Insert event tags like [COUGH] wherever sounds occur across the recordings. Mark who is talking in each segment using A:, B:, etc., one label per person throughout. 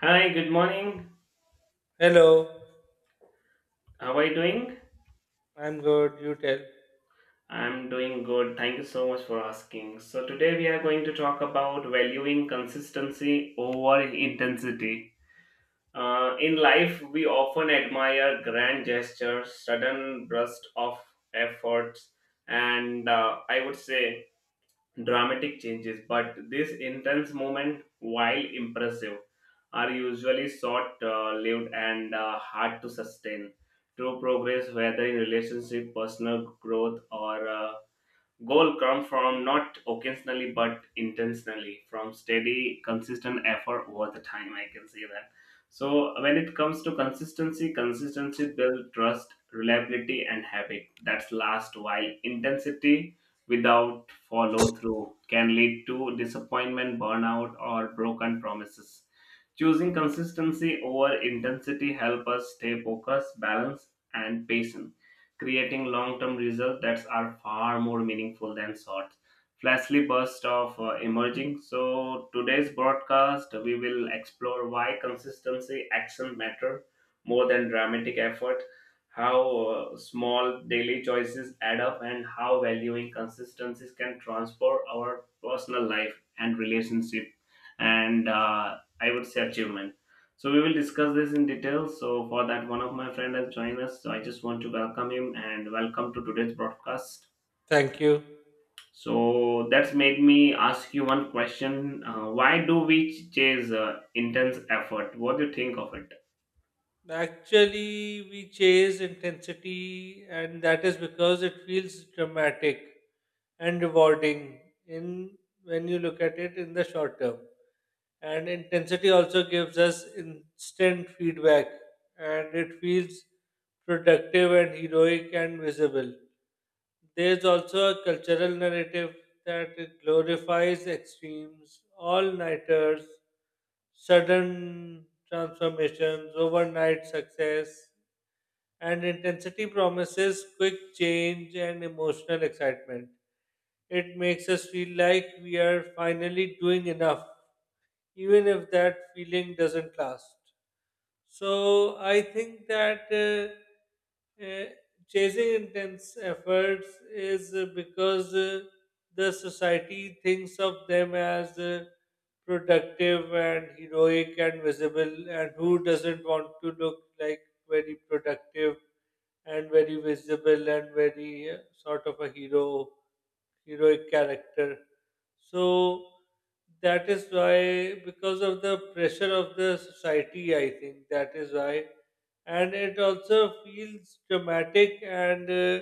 A: Hi, good morning.
B: Hello,
A: How are you doing?
B: I'm good. You tell.
A: I'm doing good. Thank you so much for asking. So, today we are going to talk about valuing consistency over intensity. In life, we often admire grand gestures, sudden bursts of efforts, and I would say dramatic changes, but these intense moments, while impressive, are usually short lived and hard to sustain. True progress, whether in relationship, personal growth, or Goal come from not occasionally but intentionally, from steady, consistent effort over the time. I can say that. So when it comes to consistency, consistency build trust, reliability, and habit. That's last while intensity without follow through can lead to disappointment, burnout, or broken promises. Choosing consistency over intensity help us stay focused, balanced, and patient creating long-term results that are far more meaningful than short flashly bursts of emerging. So today's broadcast we will explore why consistency action matter more than dramatic effort, how small daily choices add up and how valuing consistencies can transform our personal life and relationship and I would say achievement. So we will discuss this in detail. So for that, one of my friend has joined us. So I just want to welcome him and welcome to today's broadcast.
B: Thank you.
A: So that's made me ask you one question: Why do we chase intense effort? What do you think of it?
B: Actually, we chase intensity, and that is because it feels dramatic and rewarding in when you look at it in the short term. And intensity also gives us instant feedback, and it feels productive and heroic and visible. There's also a cultural narrative that glorifies extremes, all nighters, sudden transformations, overnight success, and intensity promises quick change and emotional excitement. It makes us feel like we are finally doing enough, even if that feeling doesn't last. So I think that chasing intense efforts is because the society thinks of them as productive and heroic and visible, and who doesn't want to look like very productive and very visible and very sort of a heroic character. So that is why, because of the pressure of the society, I think that is why, and it also feels dramatic, and uh,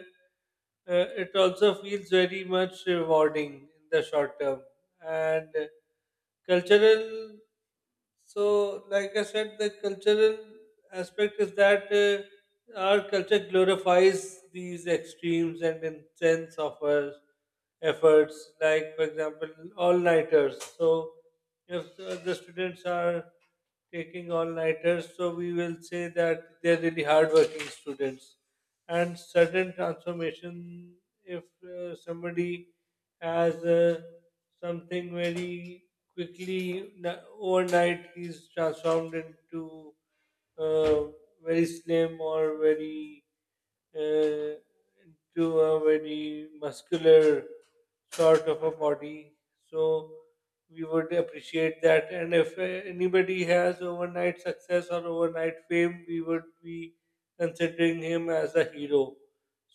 B: uh, it also feels very much rewarding in the short term. And cultural so, like I said, the cultural aspect is that our culture glorifies these extremes and intense efforts, like, for example, all nighters. So, if the students are taking all nighters, so we will say that they're really hardworking students. And sudden transformation, if somebody has something very quickly, overnight he's transformed into uh, very slim or very uh, into a very muscular sort of a body, so we would appreciate that. And if anybody has overnight success or overnight fame, we would be considering him as a hero.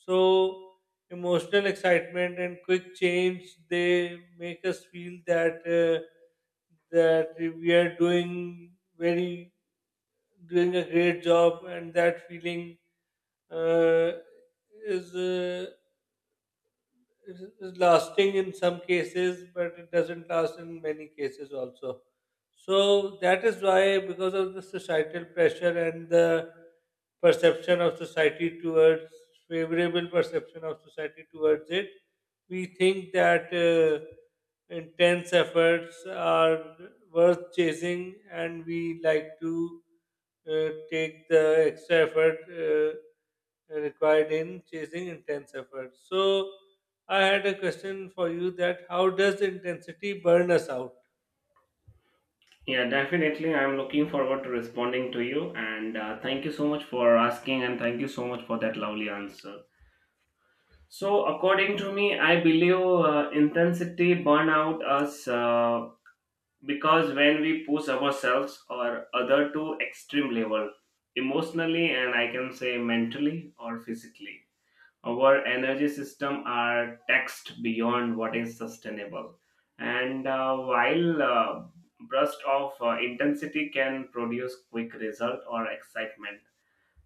B: So emotional excitement and quick change, they make us feel that we are doing very doing a great job, and that feeling uh, is it's lasting in some cases, but it doesn't last in many cases also. So that is why, because of the societal pressure and the perception of society towards favorable perception of society towards it, we think that intense efforts are worth chasing, and we like to take the extra effort required in chasing intense effort. So, I had a question for you that how does intensity burn us out?
A: Yeah, definitely. I'm looking forward to responding to you, and thank you so much for asking, and thank you so much for that lovely answer. So, according to me, I believe intensity burn out us because when we push ourselves or other to extreme level, emotionally and I can say mentally or physically, our energy system are taxed beyond what is sustainable. And while burst of intensity can produce quick result or excitement,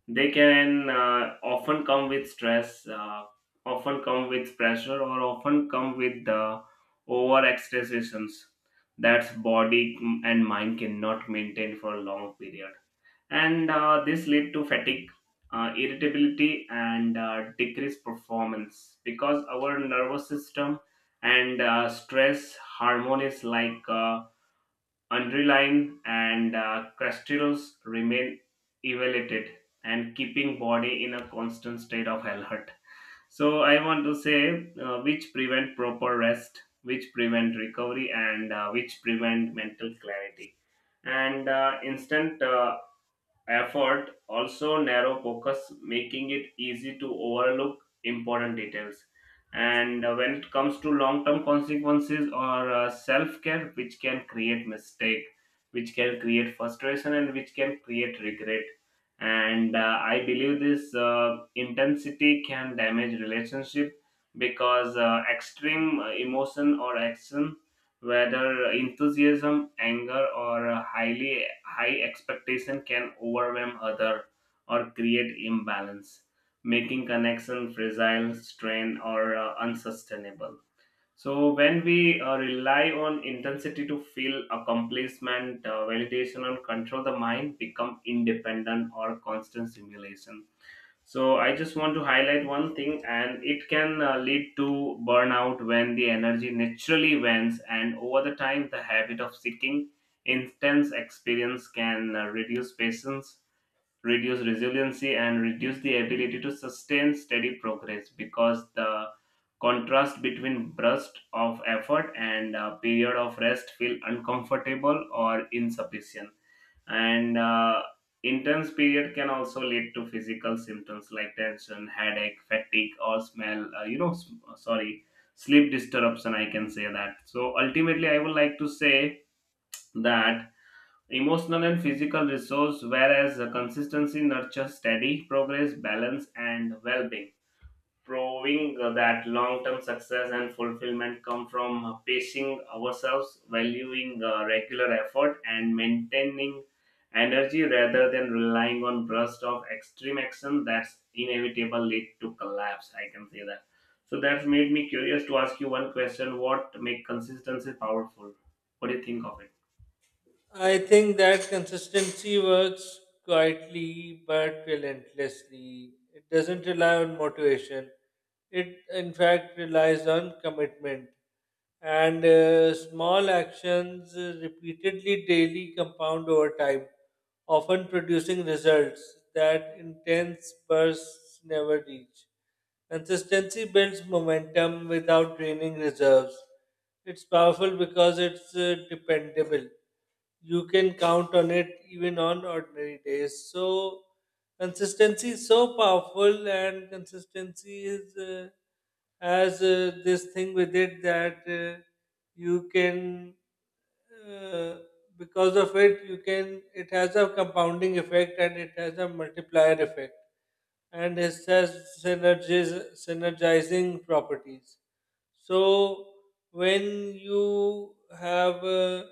A: they can often come with stress, often come with pressure, or often come with the overexertions that body and mind cannot maintain for a long period. And this lead to fatigue, irritability, and decreased performance because our nervous system and stress hormones like Underlying and crustals remain elevated and keeping body in a constant state of alert. So I want to say which prevent proper rest, which prevent recovery, and which prevent mental clarity. And instant effort also narrow focus making it easy to overlook important details and when it comes to long term consequences or self care which can create mistake, which can create frustration and which can create regret, and I believe this intensity can damage relationship because extreme emotion or action whether enthusiasm, anger, or a highly high expectation can overwhelm other or create imbalance, making connection fragile, strained, or unsustainable. So when we rely on intensity to feel accomplishment, validation, and control, the mind become independent or constant stimulation. So I just want to highlight one thing, and it can lead to burnout when the energy naturally wanes, and over the time, the habit of seeking intense experience can reduce patience, reduce resiliency, and reduce the ability to sustain steady progress because the contrast between burst of effort and a period of rest feel uncomfortable or insufficient, and intense period can also lead to physical symptoms like tension headache fatigue or smell sorry, sleep disruption, I can say that. So ultimately I would like to say that emotional and physical resource, whereas the consistency nurtures steady progress balance and well-being, proving that long term success and fulfillment come from pacing ourselves, valuing regular effort, and maintaining energy rather than relying on bursts of extreme action that's inevitable lead to collapse. I can say that. So that's made me curious to ask you one question: What make consistency powerful? What do you think of it?
B: I think that consistency works quietly but relentlessly. It doesn't rely on motivation. It, in fact, relies on commitment. And small actions repeatedly daily compound over time, often producing results that intense bursts never reach. Consistency builds momentum without draining reserves. It's powerful because it's dependable. You can count on it even on ordinary days. So consistency is so powerful, and consistency is as this thing with it that you can uh, because of it you can it has a compounding effect, and it has a multiplier effect, and it has synergizing properties. So when you have a,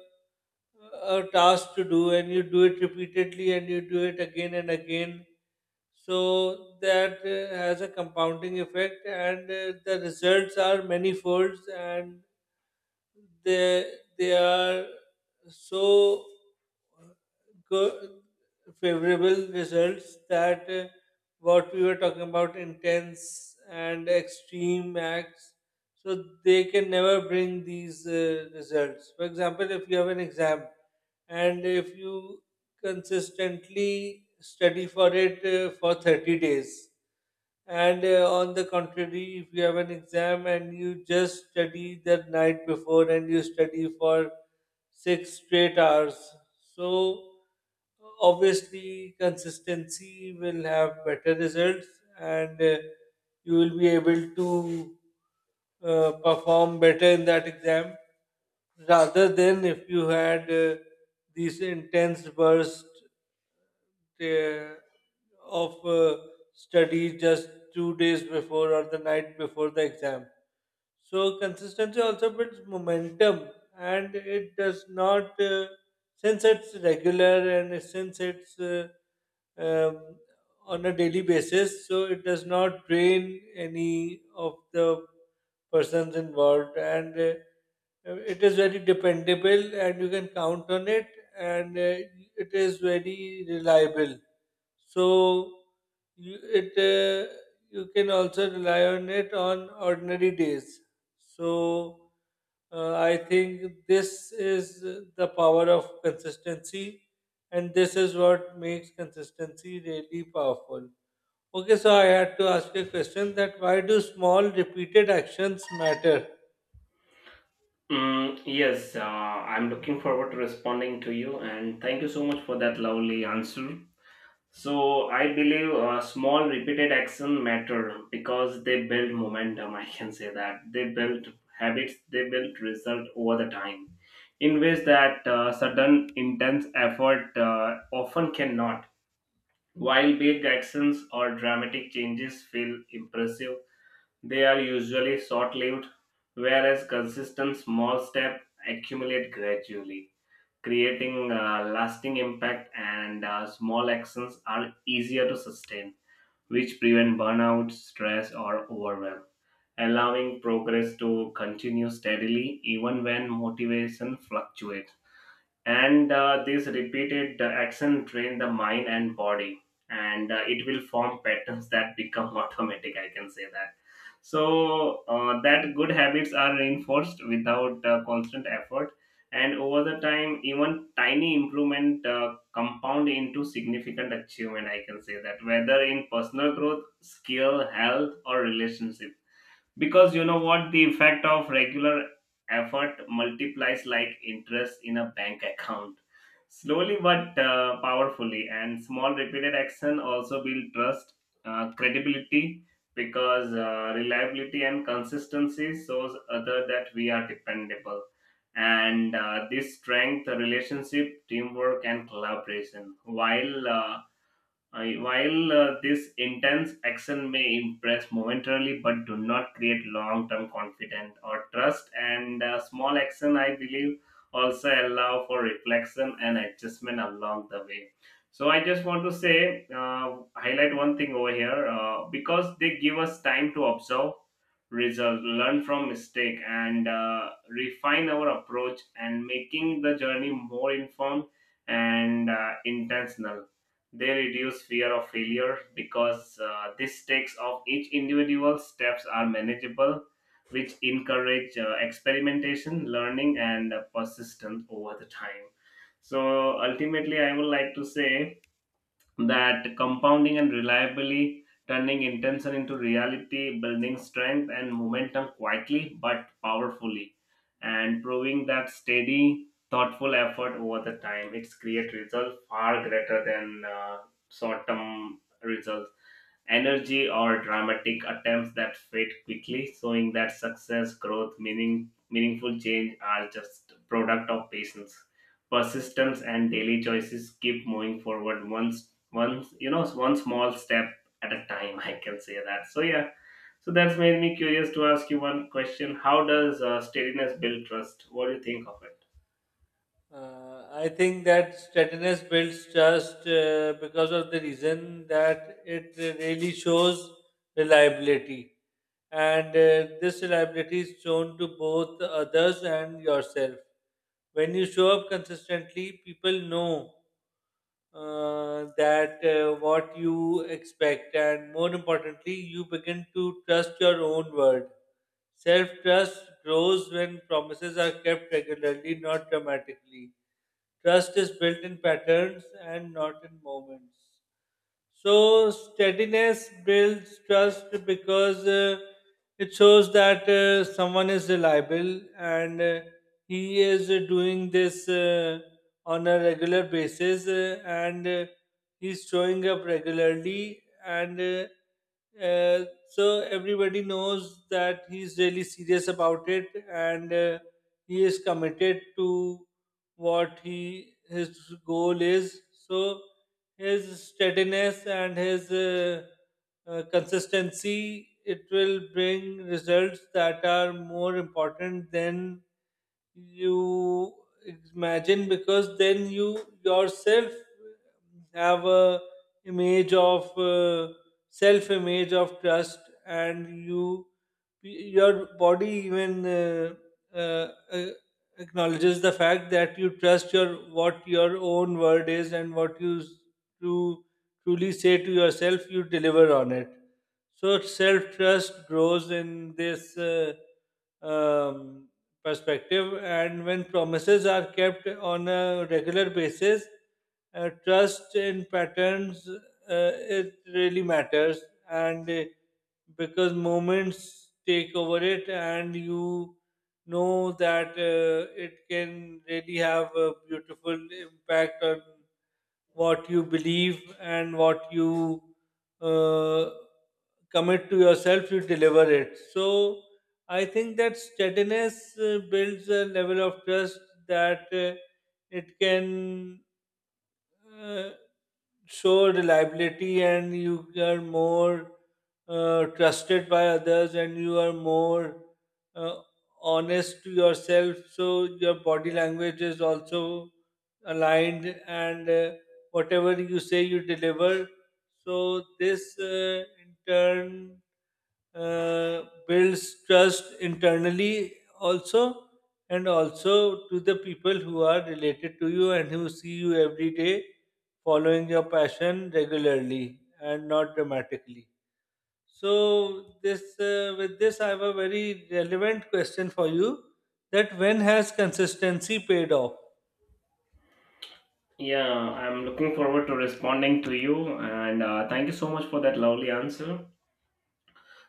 B: a task to do, and you do it repeatedly, and you do it again and again, so that has a compounding effect, and the results are many folds, and they they are so good, favorable results that what we were talking about, intense and extreme acts, so they can never bring these results. For example, if you have an exam and if you consistently study for it for 30 days, and on the contrary, if you have an exam and you just study the night before, and you study for six straight hours, so obviously consistency will have better results, and you will be able to perform better in that exam rather than if you had these intense bursts uh, of study just 2 days before or the night before the exam. So consistency also builds momentum, and it does not since it's regular and since it's um, on a daily basis, so it does not drain any of the persons involved, and it is very dependable, and you can count on it, and it is very reliable. So you, it uh, you can also rely on it on ordinary days. So I think this is the power of consistency, and this is what makes consistency really powerful. Okay, so I had to ask you a question that why do small repeated actions matter?
A: Mm, yes, I'm looking forward to responding to you, and thank you so much for that lovely answer. So I believe small repeated action matter because they build momentum. I can say that they build habits, they build result over the time in ways that sudden intense effort often cannot. While big actions or dramatic changes feel impressive, they are usually short-lived, whereas consistent small steps accumulate gradually creating lasting impact, and small actions are easier to sustain which prevent burnout stress or overwhelm, allowing progress to continue steadily even when motivation fluctuates. And uh, this repeated uh, action train the mind and body, and it will form patterns that become [LAUGHS] automatic, I can say that. So that good habits are reinforced without constant effort, and over the time even tiny improvement compound into significant achievement, I can say that, whether in personal growth skill health or relationship, because you know what, the effect of regular effort multiplies like interest in a bank account, slowly but powerfully. And small repeated action also build trust, credibility, because reliability and consistency shows other that we are dependable, and this strength relationship teamwork and collaboration while this intense action may impress momentarily but do not create long-term confidence or trust, and small action I believe also allow for reflection and adjustment along the way. So I just want to say highlight one thing over here, because they give us time to observe result, learn from mistake and refine our approach, and making the journey more informed and intentional. They reduce fear of failure because the stakes of each individual steps are manageable, which encourage experimentation, learning, and persistence over the time. So ultimately, I would like to say that compounding and reliably turning intention into reality, building strength and momentum quietly but powerfully, and proving that steady, thoughtful effort over the time, it's create results far greater than short-term results energy or dramatic attempts that fade quickly, showing that success, growth, meaningful change are just product of patience, persistence, and daily choices. Keep moving forward once you know, one small step at a time. [LAUGHS] I can say that. So yeah, so that's made me curious to ask you one question: How does steadiness build trust? What do you think of it?
B: I think that steadiness builds trust because of the reason that it really shows reliability. And this reliability is shown to both others and yourself. When you show up consistently, people know that what you expect, and more importantly, you begin to trust your own word. Self trust grows when promises are kept regularly, not dramatically. Trust is built in patterns and not in moments. So steadiness builds trust because it shows that someone is reliable, and he is doing this on a regular basis, and he's showing up regularly, and uh, so everybody knows that he's really serious about it, and he is committed to what he his goal is. So his steadiness and his consistency, it will bring results that are more important than you imagine, because then you yourself have a image of self image of trust, and your body even uh, uh, acknowledges the fact that you trust your what your own word is, and what you tru- truly say to yourself, you deliver on it. So self trust grows in this um, perspective, and when promises are kept on a regular basis, trust in patterns, it really matters, and because moments take over it, and you know that it can really have a beautiful impact on what you believe and what you uh, commit to yourself, you deliver it. So I think that steadiness builds a level of trust that it can uh, show reliability, and you are more trusted by others, and you are more uh, honest to yourself, so your body language is also aligned, and whatever you say, you deliver. So this, in turn, uh, builds trust internally also, and also to the people who are related to you and who see you every day, following your passion regularly and not dramatically. So this, with this I have a very relevant question for you, that when has consistency paid off?
A: Yeah, I'm looking forward to responding to you, and thank you so much for that lovely answer.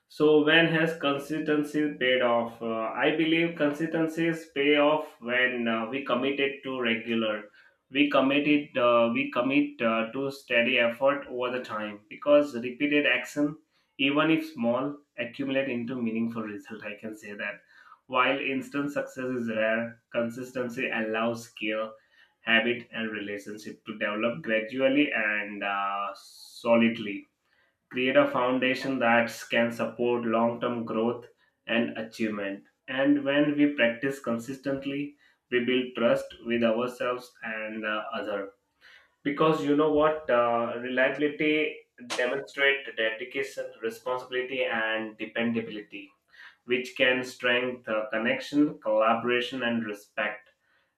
A: So, when has consistency paid off? I believe consistencies pay off when we committed to regular. We commit to steady effort over the time because repeated action, even if small, accumulate into meaningful result. I can say that. While instant success is rare, consistency allows skill, habit, and relationship to develop gradually and solidly create a foundation that can support long term growth and achievement. And when we practice consistently, we build trust with ourselves and other. Because you know what, reliability demonstrate dedication, responsibility, and dependability, which can strengthen connection, collaboration, and respect,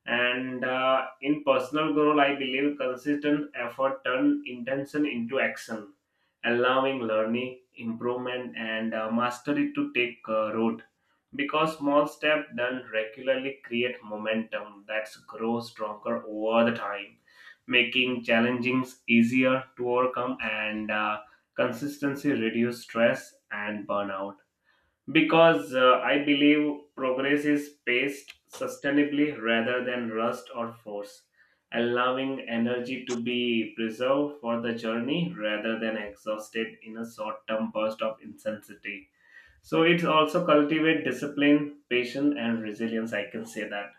A: and in personal growth, I believe consistent effort turn intention into action, allowing learning, improvement, and mastery to take root. Because small steps done regularly create momentum that grows stronger over the time, making challenges easier to overcome, and consistency reduce stress and burnout because I believe progress is paced sustainably rather than rushed or forced, allowing energy to be preserved for the journey rather than exhausted in a short term burst of intensity. So it also cultivate discipline, patience, and resilience. I can say that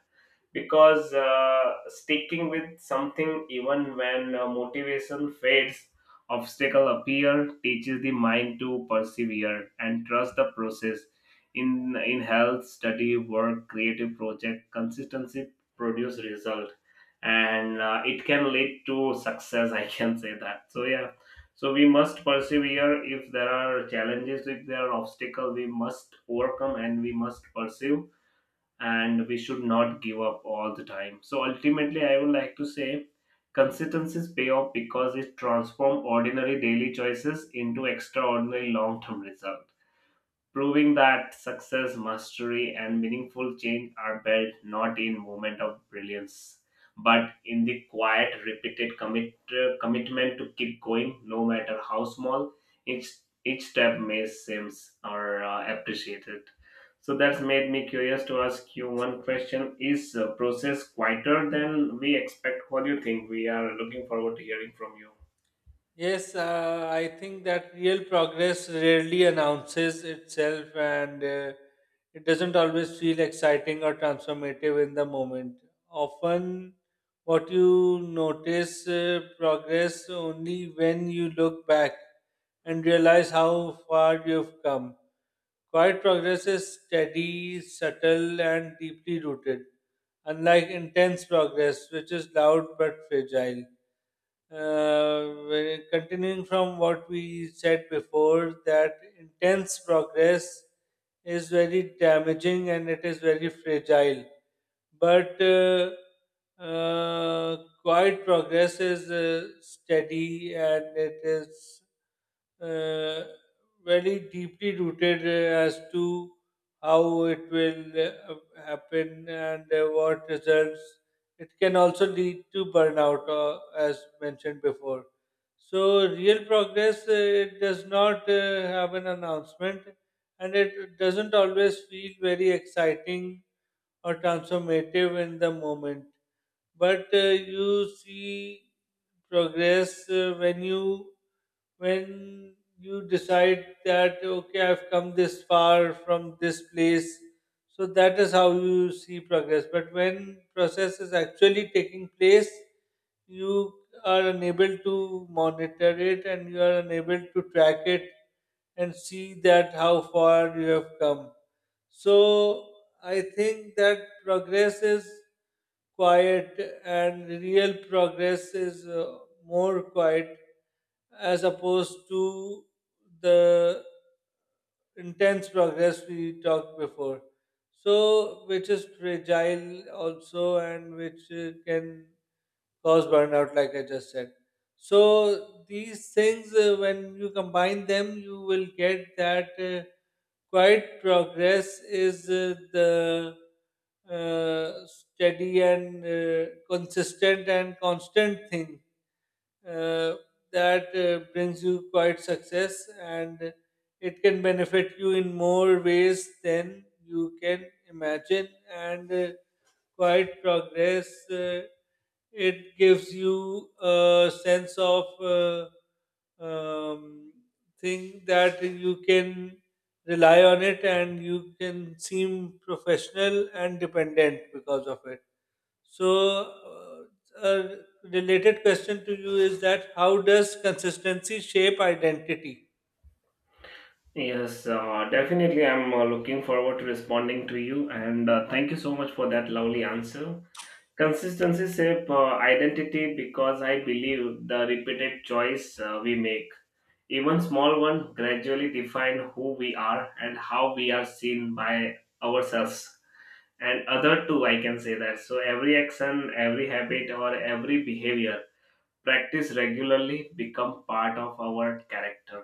A: because sticking with something even when motivation fades obstacle appear teaches the mind to persevere and trust the process in health study work creative project consistency produce result, and it can lead to success. [LAUGHS] I can say that. So yeah, so we must persevere if there are challenges, if there are obstacles we must overcome and we must pursue, and we should not give up all the time. So ultimately, I would like to say consistencies pay off because it transforms ordinary daily choices into extraordinary long term results, proving that success, mastery, and meaningful change are built not in moment of brilliance, but in the quiet, repeated commitment to keep going, no matter how small each each step may seems or appreciated. So that's made me curious to ask you one question: Is process quieter than we expect? What do you think? We are looking forward to hearing from you.
B: Yes, I think that real progress rarely announces itself, and it doesn't always feel exciting or transformative in the moment. Often, what you notice progress only when you look back and realize how far you've come. Quiet progress is steady, subtle, and deeply rooted, unlike intense progress, which is loud but fragile. Well, continuing from what we said before, that intense progress is very damaging and it is very fragile. But quiet progress is steady, and it is uh, very deeply rooted, as to how it will happen, and what results it can also lead to burnout, as mentioned before. So, real progress, it does not have an announcement, and it doesn't always feel very exciting or transformative in the moment, but you see progress when you decide that, okay, I've come this far from this place. So that is how you see progress, but when process is actually taking place, you are unable to monitor it, and you are unable to track it and see that how far you have come. So I think that progress is quiet, and real progress is more quiet as opposed to the intense progress we talked before, so, which is fragile also, and which can cause burnout, like I just said. So these things, when you combine them, you will get that quiet progress is the steady and consistent and constant thing uh, that brings you quite success, and it can benefit you in more ways than you can imagine. And quite progress, it gives you a sense of um, thing that you can rely on it, and you can seem professional and dependent because of it. So, a related question to you is that how does consistency shape identity?
A: Yes, definitely. I'm looking forward to responding to you, and thank you so much for that lovely answer. Consistency shape identity because I believe the repeated choice we make, even small one, gradually define who we are and how we are seen by ourselves and other too. I can say that. So every action, every habit, or every behavior practice regularly become part of our character,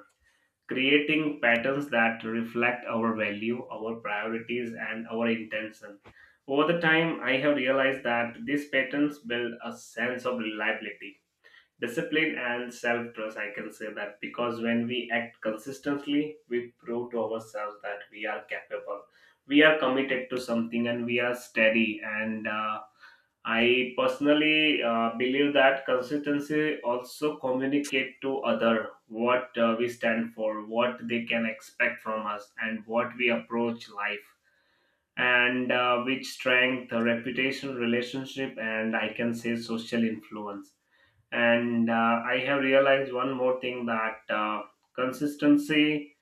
A: creating patterns that reflect our value, our priorities, and our intention. Over the time, I have realized that these patterns build a sense of reliability, discipline, and self trust. I can say that because when we act consistently, we prove to ourselves that we are capable, we are committed to something, and we are steady, and I personally believe that consistency also communicate to other what we stand for, what they can expect from us, and what we approach life, and which strength, reputation, relationship, and I can say social influence. And I have realized one more thing that consistency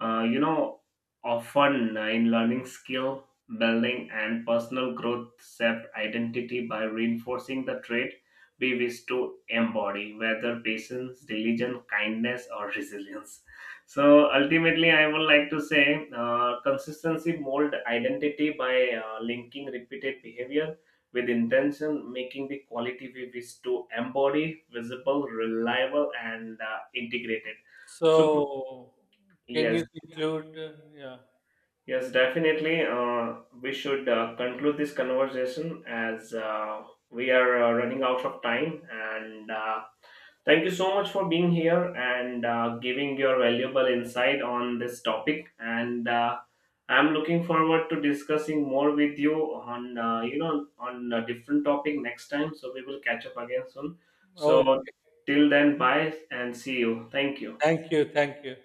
A: you know, often in learning skill building and personal growth, self identity by reinforcing the trait we wish to embody, whether patience, diligence, kindness, or resilience. So ultimately, I would like to say consistency mold identity by linking repeated behavior with intention, making the quality we wish to embody visible, reliable, and integrated. So
B: So, can
A: yes.
B: you conclude? Yeah.
A: Yes, definitely. We should conclude this conversation as we are running out of time. And thank you so much for being here and giving your valuable insight on this topic. And I'm looking forward to discussing more with you on you know on a different topic next time. So we will catch up again soon. So
B: Okay.
A: till then, bye and see you. Thank you.
B: Thank you. Thank you.